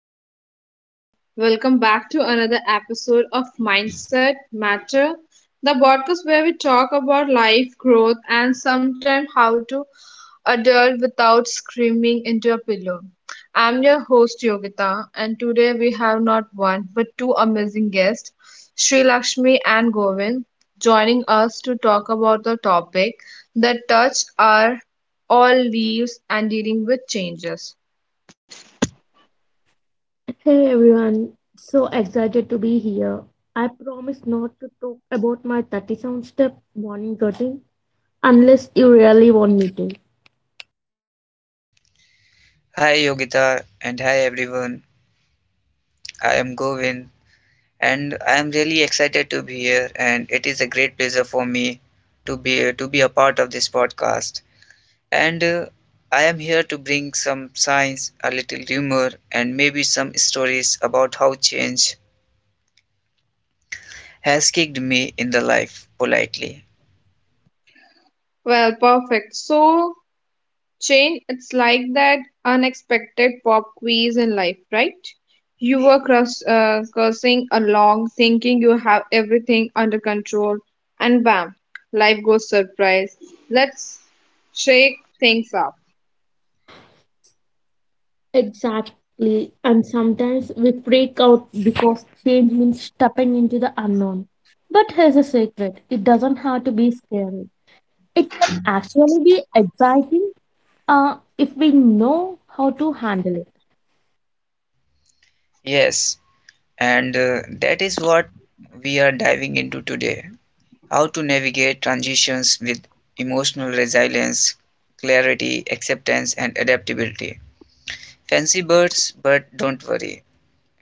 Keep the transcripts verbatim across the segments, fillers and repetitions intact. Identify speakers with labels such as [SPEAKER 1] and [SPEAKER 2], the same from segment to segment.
[SPEAKER 1] hello, hello. Welcome back to another episode of Mindset Matter, the podcast where we talk about life, growth, and sometimes how to adult without screaming into a pillow. I'm your host, Yogita, and today we have not one but two amazing guests, Sri Lakshmi and Govind, joining us to talk about the topic that touch our all leaves and dealing with changes.
[SPEAKER 2] Hey everyone, so excited to be here. I promise not to talk about my thirty-seven step morning routine unless you really want me to.
[SPEAKER 3] Hi Yogita and hi everyone. I am Govin, and I am really excited to be here, and it is a great pleasure for me to be to be a part of this podcast. And uh, I am here to bring some science, a little humor, and maybe some stories about how change has kicked me in the life politely.
[SPEAKER 1] Well, perfect. So, Chain, it's like that unexpected pop quiz in life, right? You were crus- uh, cursing along, thinking you have everything under control, and bam, life goes surprise. Let's shake things up.
[SPEAKER 2] Exactly, and sometimes we freak out because change means stepping into the unknown. But here's a secret, it doesn't have to be scary, it can actually be exciting uh, if we know how to handle it.
[SPEAKER 3] Yes, and uh, that is what we are diving into today. How to navigate transitions with emotional resilience, clarity, acceptance, and adaptability. Fancy birds, but don't worry.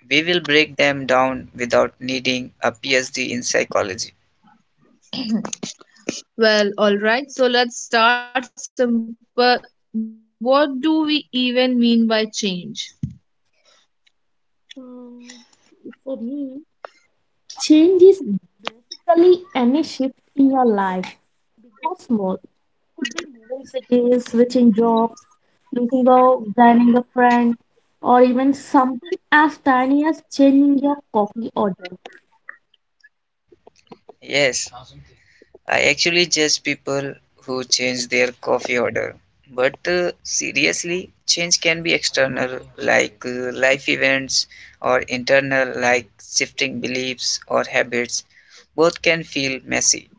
[SPEAKER 3] We will break them down without needing a PhD in psychology.
[SPEAKER 1] Well, alright, so let's start simple. What do we even mean by change?
[SPEAKER 2] Um, for me, change is basically any shift in your life, big or small. Could be moving cities, switching jobs, losing a joining a friend, or even something as tiny as changing your coffee order.
[SPEAKER 3] Yes, I actually judge people who change their coffee order. But uh, seriously, change can be external, like uh, life events, or internal, like shifting beliefs or habits. Both can feel messy.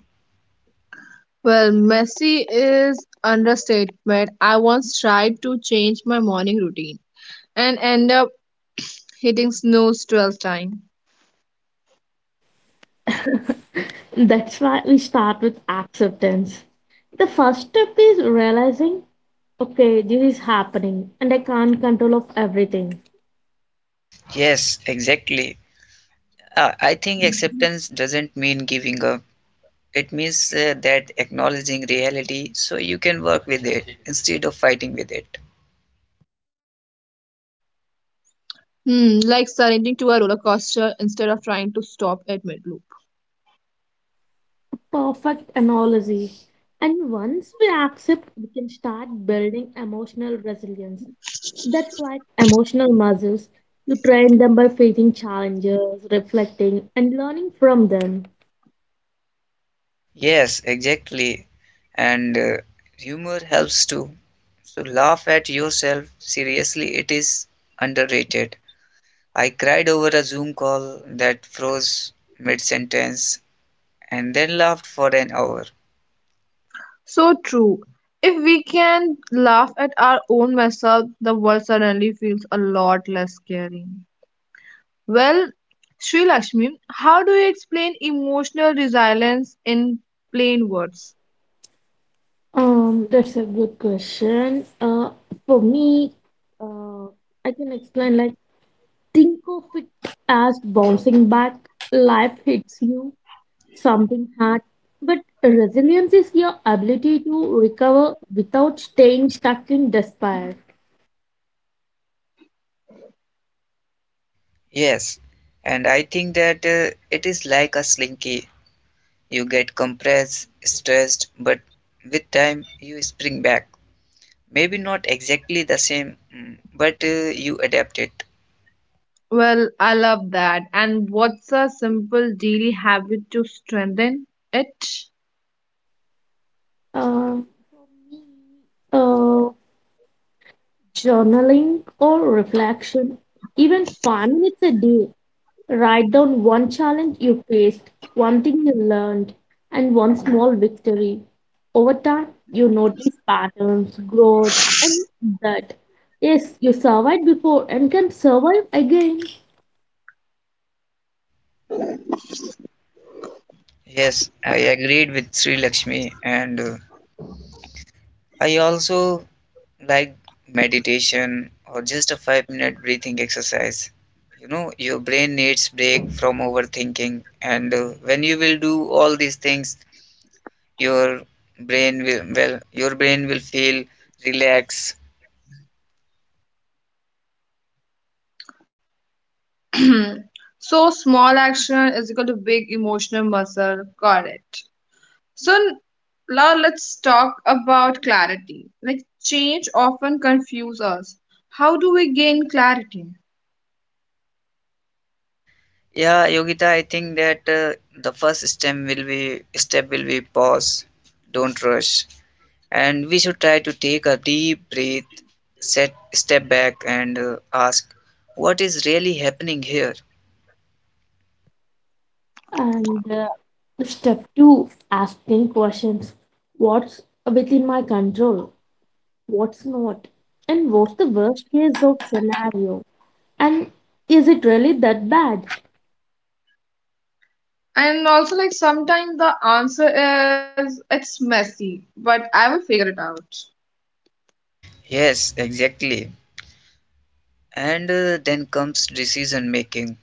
[SPEAKER 1] Well, messy is understatement. I once tried to change my morning routine and end up hitting snooze twelve times.
[SPEAKER 2] That's why we start with acceptance. The first step is realizing, okay, this is happening and I can't control of everything.
[SPEAKER 3] Yes, exactly. Uh, I think acceptance doesn't mean giving up. It means uh, that acknowledging reality so you can work with it instead of fighting with it.
[SPEAKER 1] Hmm, like surrendering to a roller coaster instead of trying to stop at mid loop.
[SPEAKER 2] Perfect analogy. And once we accept, we can start building emotional resilience. That's like emotional muscles. You train them by facing challenges, reflecting, and learning from them.
[SPEAKER 3] Yes, exactly. And uh, humor helps too. So laugh at yourself. Seriously, it is underrated. I cried over a Zoom call that froze mid sentence and then laughed for an hour.
[SPEAKER 1] So true. If we can laugh at our own mess up, the world suddenly feels a lot less scary. Well, Sri Lakshmi, how do you explain emotional resilience in plain words?
[SPEAKER 2] Um, that's a good question. Uh, for me, uh, I can explain like think of it as bouncing back. Life hits you something hard, but resilience is your ability to recover without staying stuck in despair.
[SPEAKER 3] Yes, and I think that uh, it is like a slinky. You get compressed, stressed, but with time you spring back. Maybe not exactly the same, mm, but uh, you adapt it.
[SPEAKER 1] Well, I love that. And what's a simple daily habit to strengthen it?
[SPEAKER 2] Uh, for me, uh, journaling or reflection, even five minutes a day, write down one challenge you faced, one thing you learned, and one small victory. Over time, you notice patterns, growth, and that, yes, you survived before and can survive again.
[SPEAKER 3] Yes, I agreed with Sri Lakshmi, and uh, I also like meditation or just a five minute breathing exercise. You know, your brain needs break from overthinking, and uh, when you will do all these things, your brain will well, your brain will feel relaxed.
[SPEAKER 1] So, small action is equal to big emotional muscle. Correct. So now let's talk about clarity. Like change often confuses us. How do we gain clarity?
[SPEAKER 3] Yeah, Yogita, I think that uh, the first step will be step will be pause, don't rush, and we should try to take a deep breath, set step back, and uh, ask what is really happening here.
[SPEAKER 2] And uh, Step two, asking questions. What's within my control? What's not? And what's the worst case of scenario? And is it really that bad?
[SPEAKER 1] And also like sometimes the answer is it's messy, but I will figure it out.
[SPEAKER 3] Yes, exactly. And uh, then comes decision making.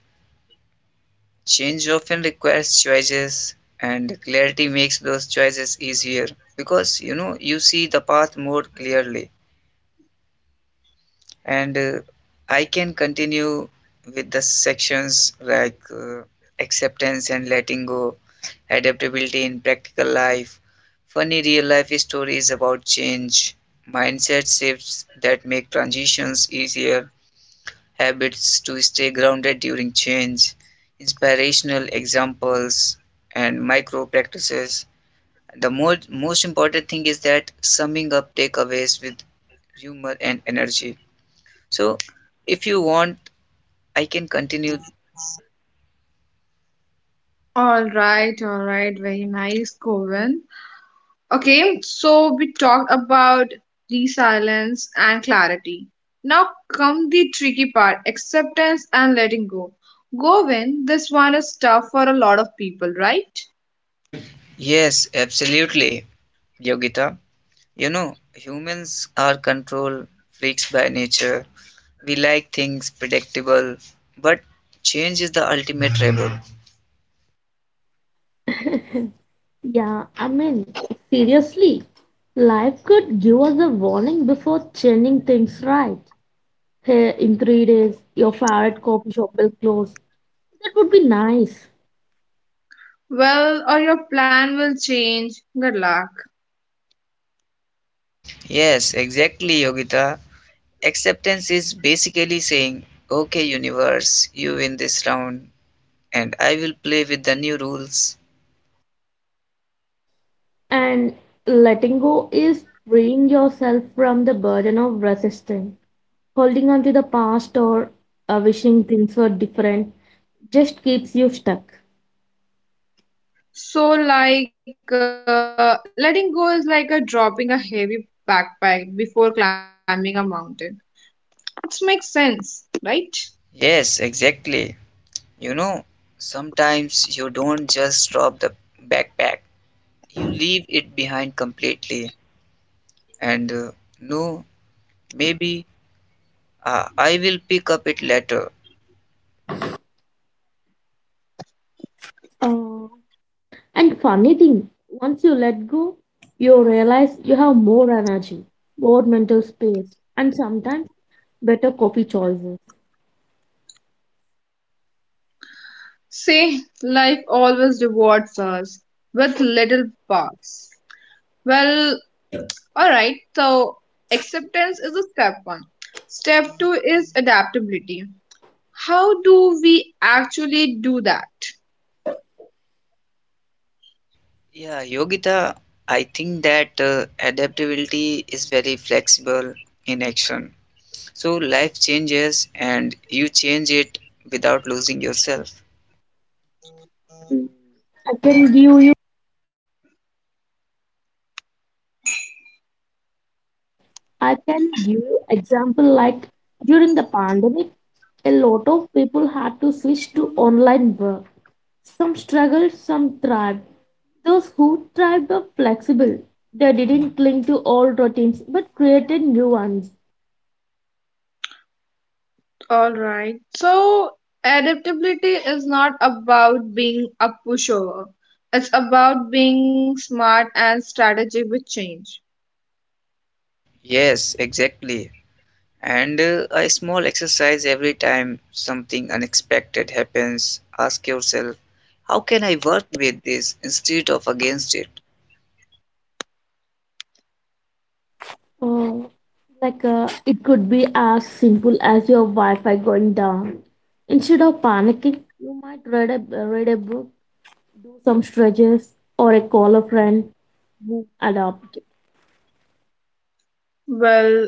[SPEAKER 3] Change often requires choices, and clarity makes those choices easier because you know you see the path more clearly. And uh, I can continue with the sections like uh, acceptance and letting go, adaptability in practical life, funny real life stories about change, mindset shifts that make transitions easier, habits to stay grounded during change, inspirational examples, and micro practices. The more, most important thing is that summing up takeaways with humor and energy. So if you want, I can continue.
[SPEAKER 1] All right, all right, very nice, Govind. Okay, so we talked about resilience and clarity. Now come the tricky part, acceptance and letting go. Govind, this one is tough for a lot of people, right?
[SPEAKER 3] Yes, absolutely, Yogita. You know, humans are control freaks by nature. We like things predictable, but change is the ultimate rebel.
[SPEAKER 2] Yeah, I mean, seriously, life could give us a warning before changing things right. Hey, in three days, your favorite coffee shop will close. That would be nice.
[SPEAKER 1] Well, or your plan will change, good luck.
[SPEAKER 3] Yes, exactly, Yogita. Acceptance is basically saying, okay, universe, you win this round, and I will play with the new rules.
[SPEAKER 2] And letting go is freeing yourself from the burden of resisting, holding on to the past or uh, wishing things were different just keeps you stuck.
[SPEAKER 1] So like uh, letting go is like a dropping a heavy backpack before climbing a mountain, it makes sense right?
[SPEAKER 3] Yes, exactly. You know, sometimes you don't just drop the backpack, you leave it behind completely. And uh, no, maybe uh, I will pick up it later.
[SPEAKER 2] Uh, And funny thing, once you let go, you realize you have more energy, more mental space, and sometimes better coffee choices.
[SPEAKER 1] See, life always rewards us with little parts. Well, all right, so acceptance is a step one, step two is adaptability, how do we actually do that?
[SPEAKER 3] Yeah, Yogita, I think that uh, adaptability is very flexible in action. So life changes and you change it without losing yourself.
[SPEAKER 2] Mm. I can give you I can give you example like during the pandemic, a lot of people had to switch to online work. Some struggled, some thrived. Those who thrived were flexible. They didn't cling to old routines but created new ones.
[SPEAKER 1] All right. So adaptability is not about being a pushover. It's about being smart and strategic with change.
[SPEAKER 3] Yes, exactly. And uh, a small exercise every time something unexpected happens. Ask yourself, how can I work with this instead of against it?
[SPEAKER 2] Oh, like uh, it could be as simple as your Wi-Fi going down. Instead of panicking, you might read a read a book, do some stretches, or a call a friend who adopt.
[SPEAKER 1] Well,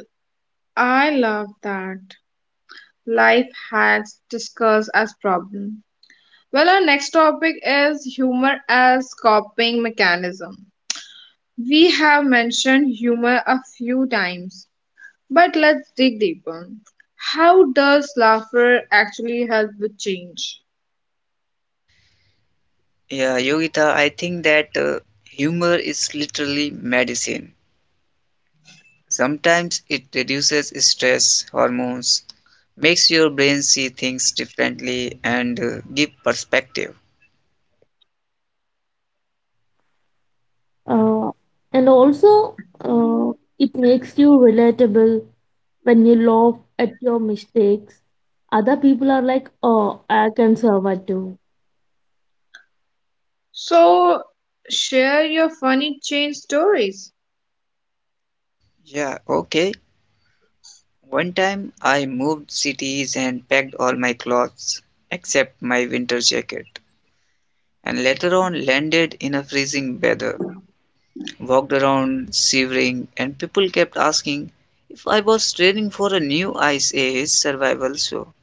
[SPEAKER 1] I love that. Life hacks discussed as problem. Well, our next topic is humor as coping mechanism. We have mentioned humor a few times, but let's dig deeper. How does laughter actually help with change?
[SPEAKER 3] Yeah, Yogita, I think that uh, humor is literally medicine. Sometimes it reduces stress hormones, makes your brain see things differently, and uh, give perspective.
[SPEAKER 2] Uh, and also, uh, it makes you relatable when you laugh at your mistakes. Other people are like, "Oh, I can survive too."
[SPEAKER 1] So, share your funny change stories.
[SPEAKER 3] Yeah, okay. One time I moved cities and packed all my clothes except my winter jacket, and later on landed in a freezing weather. Walked around shivering, and people kept asking if I was training for a new ice age survival show.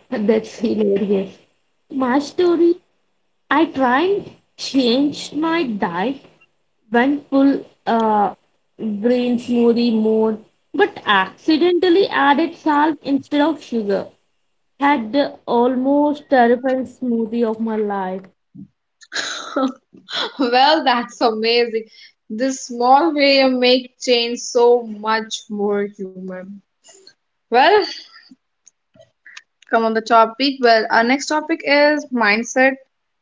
[SPEAKER 2] That's hilarious. My story, I tried change my diet, went full uh, green smoothie mode, but accidentally added salt instead of sugar. Had the almost terrifying smoothie of my life.
[SPEAKER 1] Well, that's amazing. This small way you make change so much more human. Well, come on the topic. Well, our next topic is mindset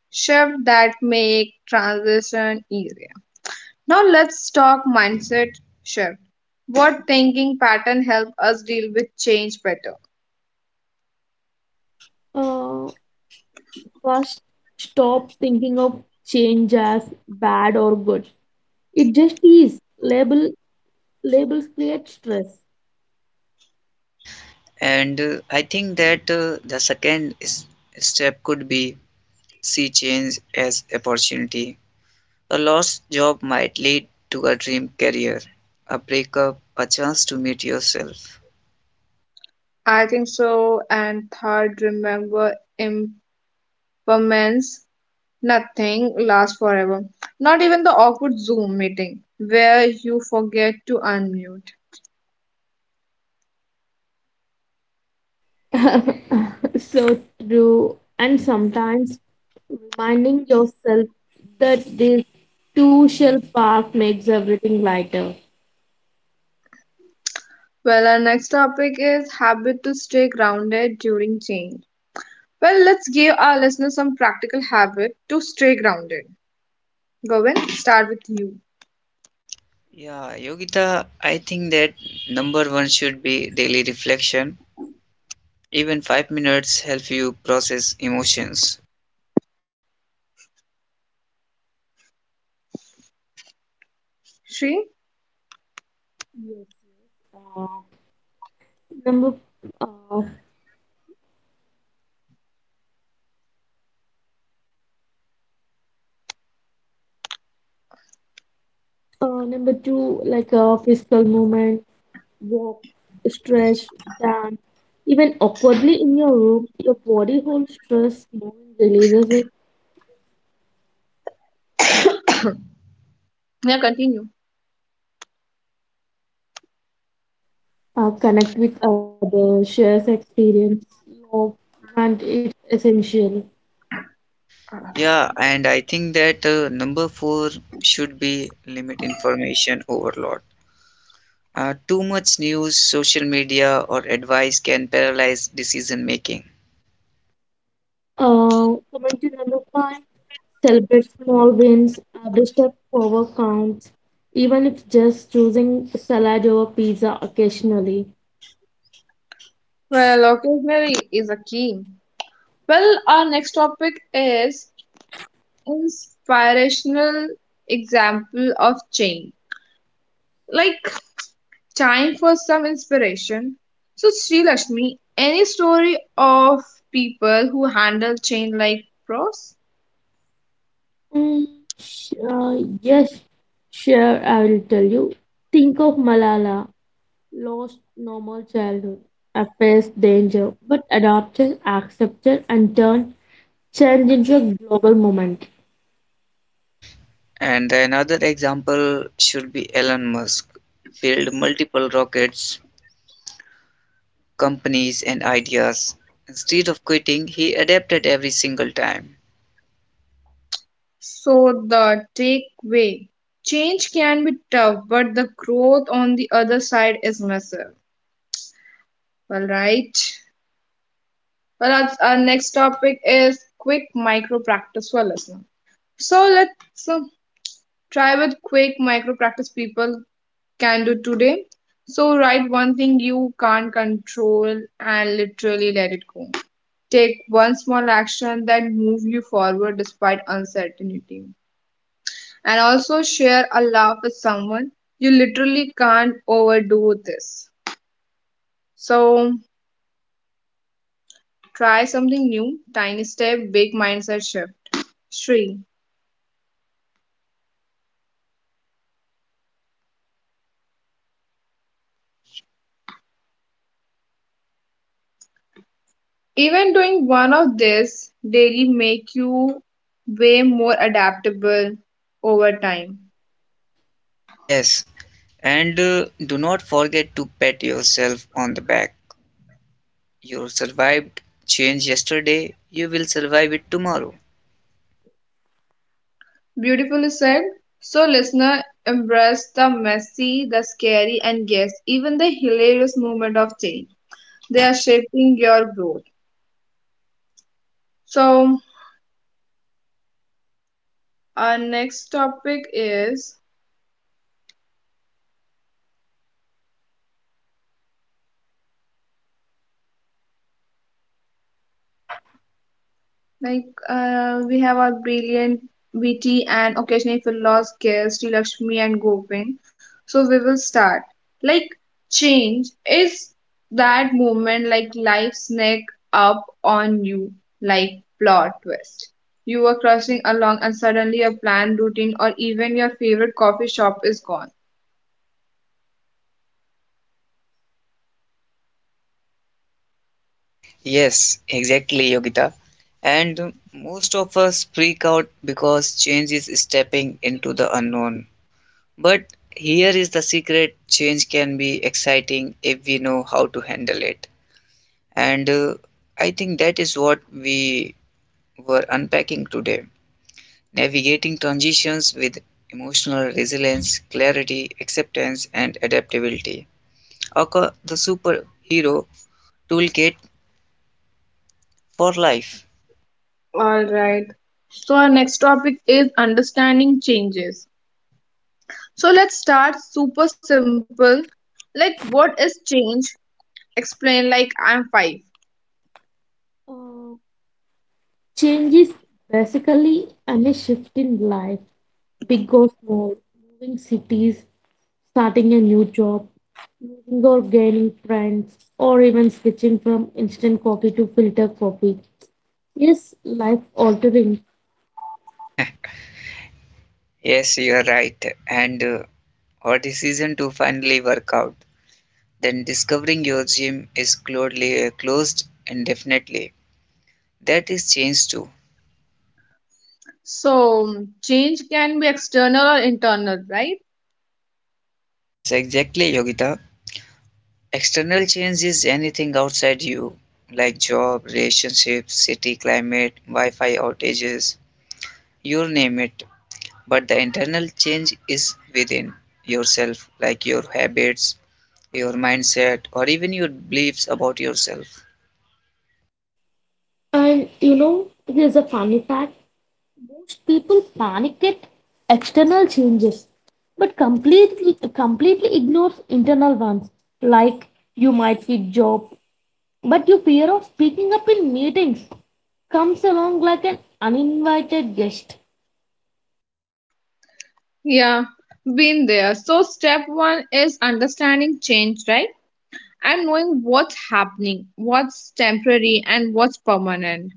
[SPEAKER 1] shift that make transition easier. Now let's talk mindset shift. What thinking pattern help us deal with change better?
[SPEAKER 2] Uh, first, stop thinking of change as bad or good. It just is. Label labels create stress.
[SPEAKER 3] And uh, I think that uh, the second s- step could be see change as opportunity. A lost job might lead to a dream career, a breakup, a chance to meet yourself.
[SPEAKER 1] I think so. And third, remember impermanence. Nothing lasts forever. Not even the awkward Zoom meeting where you forget to unmute.
[SPEAKER 2] So true. And sometimes reminding yourself that this two shell path makes everything lighter.
[SPEAKER 1] Well, our next topic is habit to stay grounded during change. Well, let's give our listeners some practical habit to stay grounded. Govind, start with you.
[SPEAKER 3] Yeah, Yogita, I think that number one should be daily reflection. Even five minutes help you process emotions.
[SPEAKER 1] Shri?
[SPEAKER 2] Yes. Uh, number uh, uh, Number two, like uh, physical movement, walk, stretch, dance, even awkwardly in your room, your body holds stress, movement releases it,
[SPEAKER 1] Yeah, continue.
[SPEAKER 2] uh, connect with others, shares experience, love, and it's essential.
[SPEAKER 3] Yeah, and I think that uh, number four should be limit information overload. Uh, too much news, social media, or advice can paralyze decision making.
[SPEAKER 2] Uh, coming to number five, celebrate small wins, every step forward counts, even if just choosing salad over pizza occasionally.
[SPEAKER 1] Well, occasionally is a key. Well, our next topic is inspirational example of change. Like time for some inspiration. So, Sri Lakshmi, any story of people who handle change like pros?
[SPEAKER 2] Mm, sh- uh, yes, sure, I will tell you. Think of Malala, lost normal childhood, a faced danger, but adapted, accepted, and turned change into a global moment.
[SPEAKER 3] And another example should be Elon Musk, failed multiple rockets, companies, and ideas. Instead of quitting, he adapted every single time.
[SPEAKER 1] So, the takeaway, change can be tough, but the growth on the other side is massive. All right. Well, that's our next topic is quick micro practice for listener. So, let's uh, try with quick micro practice people can do today. So, write one thing you can't control and literally let it go. Take one small action that moves you forward despite uncertainty. And also share a laugh with someone. You literally can't overdo this. So, try something new. Tiny step, big mindset shift. Three. Even doing one of this daily make you way more adaptable over time.
[SPEAKER 3] Yes, and uh, do not forget to pat yourself on the back. You survived change yesterday, you will survive it tomorrow.
[SPEAKER 1] Beautifully said. So, listener, embrace the messy, the scary, and yes, even the hilarious moment of change. They are shaping your growth. So, our next topic is Like uh, we have our brilliant, witty, and occasionally philosophical guest, Lakshmi and Govind. So we will start. Like, change is that moment like life sneak up on you like plot twist. You were crushing along and suddenly your planned routine or even your favorite coffee shop is gone.
[SPEAKER 3] Yes, exactly, Yogita. And most of us freak out because change is stepping into the unknown. But here is the secret: change can be exciting if we know how to handle it. And uh, I think that is what we were unpacking today, navigating transitions with emotional resilience, clarity, acceptance, and adaptability. Aka the superhero toolkit for life.
[SPEAKER 1] All right. So our next topic is understanding changes. So let's start super simple. Like, what is change? Explain like I'm five.
[SPEAKER 2] Uh, change is basically a shift in life, big or small, moving cities, starting a new job, losing or gaining friends, or even switching from instant coffee to filter coffee. Yes, life altering.
[SPEAKER 3] Yes, you are right. And uh, or decision to finally work out, then discovering your gym is closely uh, closed indefinitely. That is change too.
[SPEAKER 1] So change can be external or internal, right?
[SPEAKER 3] Yes, exactly, Yogita. External change is anything outside you, like job, relationships, city climate, Wi-Fi outages, you name it. But the internal change is within yourself, like your habits, your mindset, or even your beliefs about yourself.
[SPEAKER 2] And you know, here's a funny fact. Most people panic at external changes, but completely completely ignore internal ones. Like you might quit job, but your fear of speaking up in meetings comes along like an uninvited guest.
[SPEAKER 1] Yeah, been there. So step one is understanding change, right? And knowing what's happening, what's temporary, and what's permanent.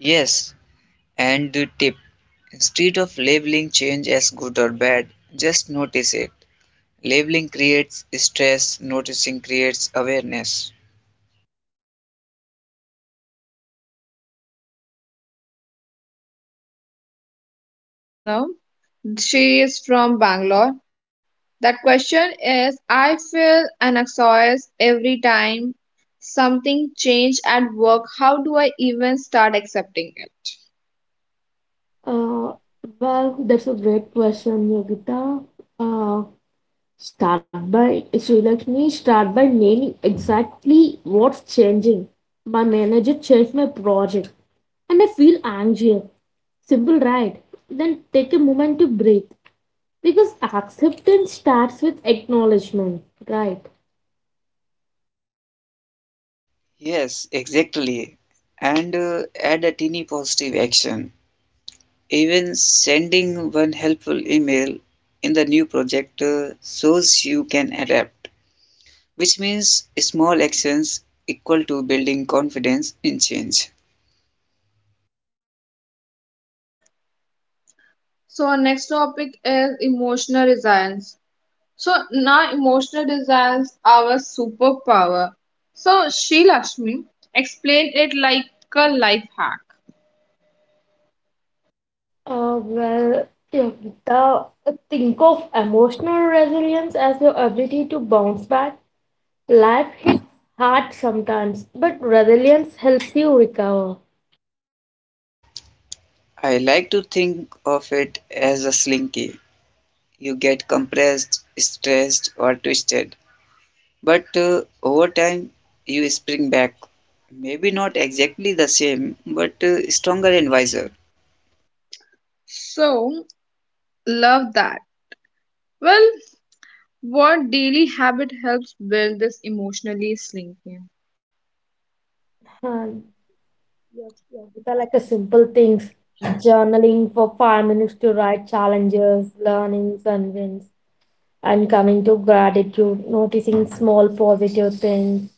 [SPEAKER 3] Yes. And the tip: instead of labeling change as good or bad, just notice it. Labeling creates stress, noticing creates awareness.
[SPEAKER 1] So we actually got a question from a listener. She is from Bangalore. That question is, I feel anxious every time something change at work. How do I even start accepting it?
[SPEAKER 2] Uh, well, that's a great question, Yogita. Uh, Start by Srilakshmi, start by naming exactly what's changing. My manager changed my project and I feel anxious. Simple, right? Then take a moment to breathe because acceptance starts with acknowledgement, right?
[SPEAKER 3] Yes, exactly. And uh, add a teeny positive action. Even sending one helpful email in the new project uh, shows you can adapt, which means small actions equal to building confidence in change.
[SPEAKER 1] So our next topic is emotional resilience. So now emotional resilience our superpower. So Sri Lakshmi explained it like a life hack.
[SPEAKER 2] Uh, well, Yogita, think of emotional resilience as your ability to bounce back. Life hits hard sometimes, but resilience helps you recover.
[SPEAKER 3] I like to think of it as a slinky. You get compressed, stressed, or twisted. But uh, over time, you spring back. Maybe not exactly the same, but uh, stronger and wiser.
[SPEAKER 1] So love that. Well, what daily habit helps build this emotionally slinking?
[SPEAKER 2] Huh, yeah, yeah. These are like a simple things. Journaling for five minutes to write challenges, learnings, and wins, and coming to gratitude, noticing small positive things,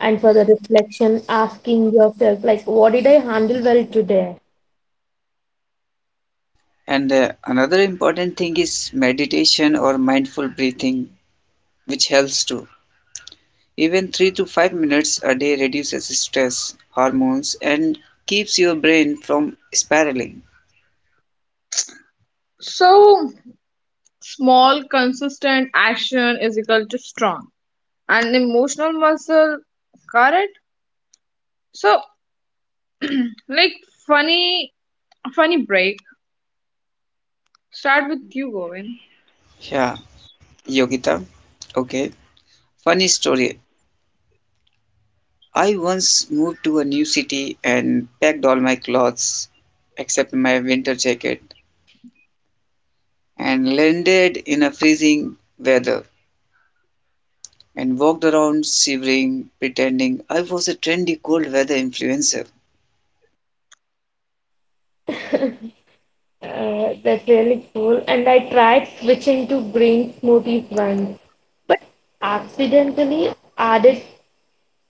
[SPEAKER 2] and for the reflection, asking yourself, like, what did I handle well today?
[SPEAKER 3] And uh, another important thing is meditation or mindful breathing, which helps too. Even three to five minutes a day reduces stress hormones and keeps your brain from spiraling.
[SPEAKER 1] So, small, consistent action is equal to strong and emotional muscle. Correct. So, like funny, funny break. Start with you, Govin.
[SPEAKER 3] Yeah, Yogita. Okay. Funny story. I once moved to a new city and packed all my clothes except my winter jacket, and landed in a freezing weather, and walked around shivering, pretending I was a trendy cold weather influencer.
[SPEAKER 2] Uh, that's really cool. And I tried switching to green smoothies once, but accidentally added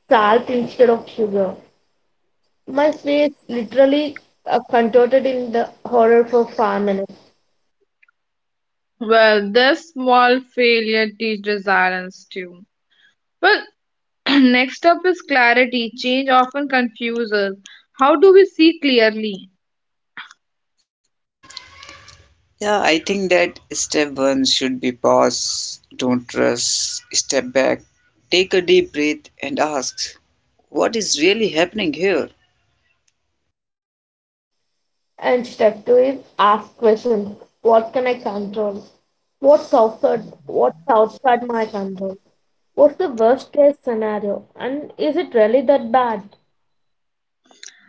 [SPEAKER 2] salt instead of sugar. My face literally uh, contorted in the horror for five minutes.
[SPEAKER 1] Well, this small failure teaches resilience too. Well, next up is clarity. Change often confuses. How do we see clearly?
[SPEAKER 3] Yeah, I think that step one should be pause, don't rush, step back, take a deep breath, and ask, what is really happening here?
[SPEAKER 2] And step two is ask questions. What can I control? What's outside? What's outside my control? What's the worst case scenario? And is it really that bad?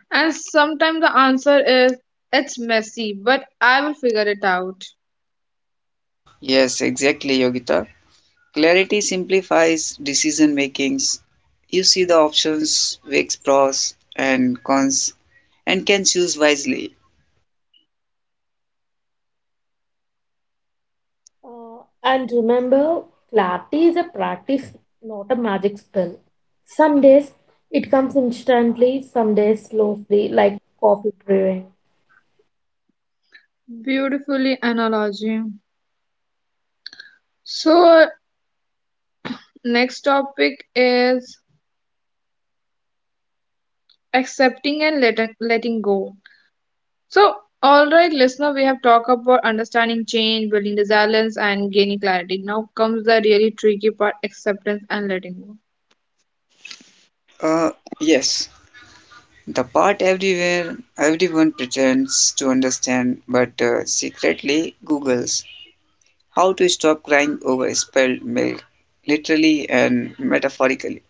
[SPEAKER 1] And sometimes the answer is it's messy, but I will figure it out.
[SPEAKER 3] Yes, exactly, Yogita. Clarity simplifies decision makings. You see the options, weighs pros and cons, and can choose wisely.
[SPEAKER 2] Uh, and remember, clarity is a practice, not a magic spell. Some days it comes instantly, some days slowly, like coffee brewing.
[SPEAKER 1] Beautifully analogy. So, uh, next topic is accepting and letting, letting go. So, all right, listener, we have talked about understanding change, building resilience, and gaining clarity. Now comes the really tricky part, acceptance and letting go.
[SPEAKER 3] Uh, yes, the part everywhere everyone pretends to understand, but uh, secretly googles how to stop crying over spilled milk, literally and metaphorically.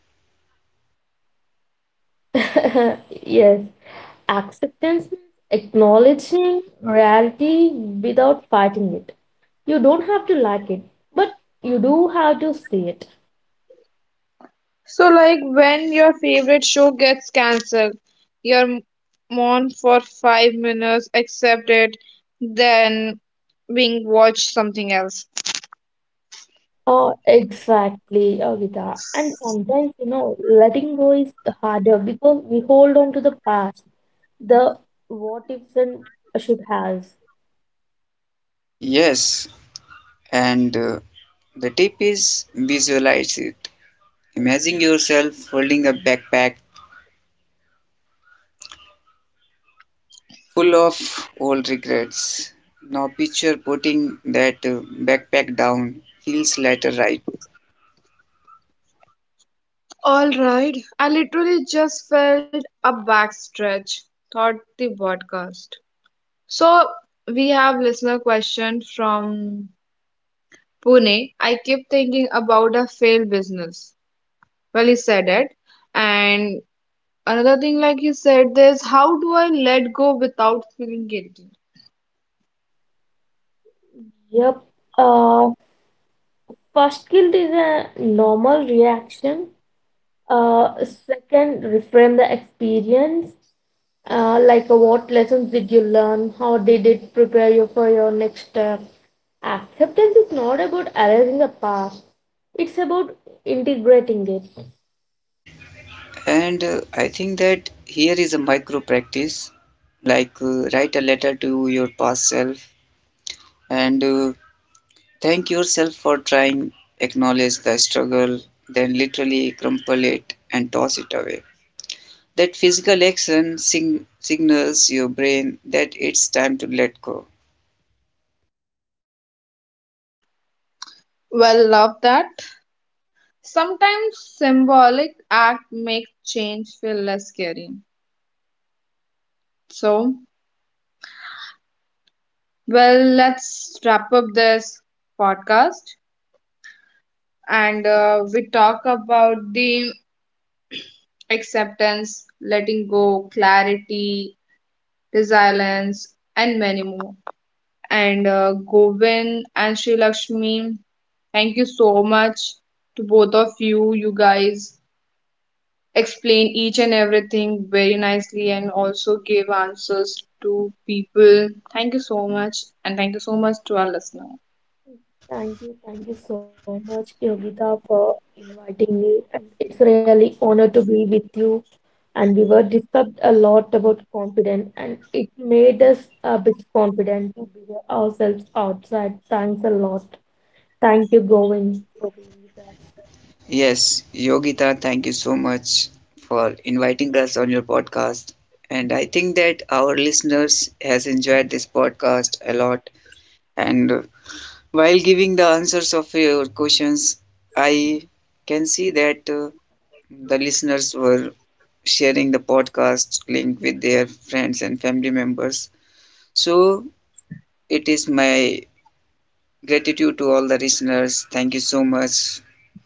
[SPEAKER 2] Yes, acceptance means acknowledging reality without fighting it. You don't have to like it, but you do have to see it.
[SPEAKER 1] So, like when your favorite show gets cancelled, you're mourn for five minutes, accept it, then being watch something else.
[SPEAKER 2] Oh, exactly, Agita. And sometimes, you know, letting go is harder because we hold on to the past, the what ifs and should has.
[SPEAKER 3] Yes, and uh, the tip is visualize it. Imagine yourself holding a backpack full of old regrets. Now picture putting that uh, backpack down, feels later right.
[SPEAKER 1] All right. I literally just felt a backstretch, thought the podcast. So we have listener question from Pune. I keep thinking about a failed business. Well, he said it. And another thing like he said is, how do I let go without feeling guilty?
[SPEAKER 2] Yep. Uh, first guilt is a normal reaction. Uh, second, reframe the experience. Uh, like uh, what lessons did you learn? How did it prepare you for your next step? Acceptance is not about erasing the past. It's about integrating it.
[SPEAKER 3] And uh, I think that here is a micro practice, like uh, write a letter to your past self, and uh, thank yourself for trying, acknowledge the struggle, then literally crumple it and toss it away. That physical action sing- signals your brain that it's time to let go.
[SPEAKER 1] Well, love that. Sometimes symbolic act make change feel less scary. So, well, let's wrap up this podcast. And uh, we talk about the acceptance, letting go, clarity, resilience, and many more. And uh, Govind and Sri Lakshmi, thank you so much to both of you. You guys explain each and everything very nicely and also give answers to people. Thank you so much, and thank you so much to our listener.
[SPEAKER 2] Thank you, thank you so much, Yogita, for inviting me. And it's really honor to be with you. And we were discussed a lot about confidence, and it made us a bit confident to be ourselves outside. Thanks a lot. Thank you, Govind, for being with us.
[SPEAKER 3] Yes, Yogita, thank you so much for inviting us on your podcast. And I think that our listeners has enjoyed this podcast a lot. And uh, while giving the answers of your questions, I can see that uh, the listeners were sharing the podcast link with their friends and family members. So it is my gratitude to all the listeners. Thank you so much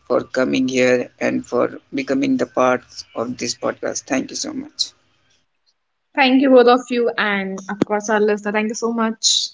[SPEAKER 3] for coming here and for becoming the part of this podcast. Thank you so much.
[SPEAKER 1] Thank you both of you, and of course our listener. Thank you so much.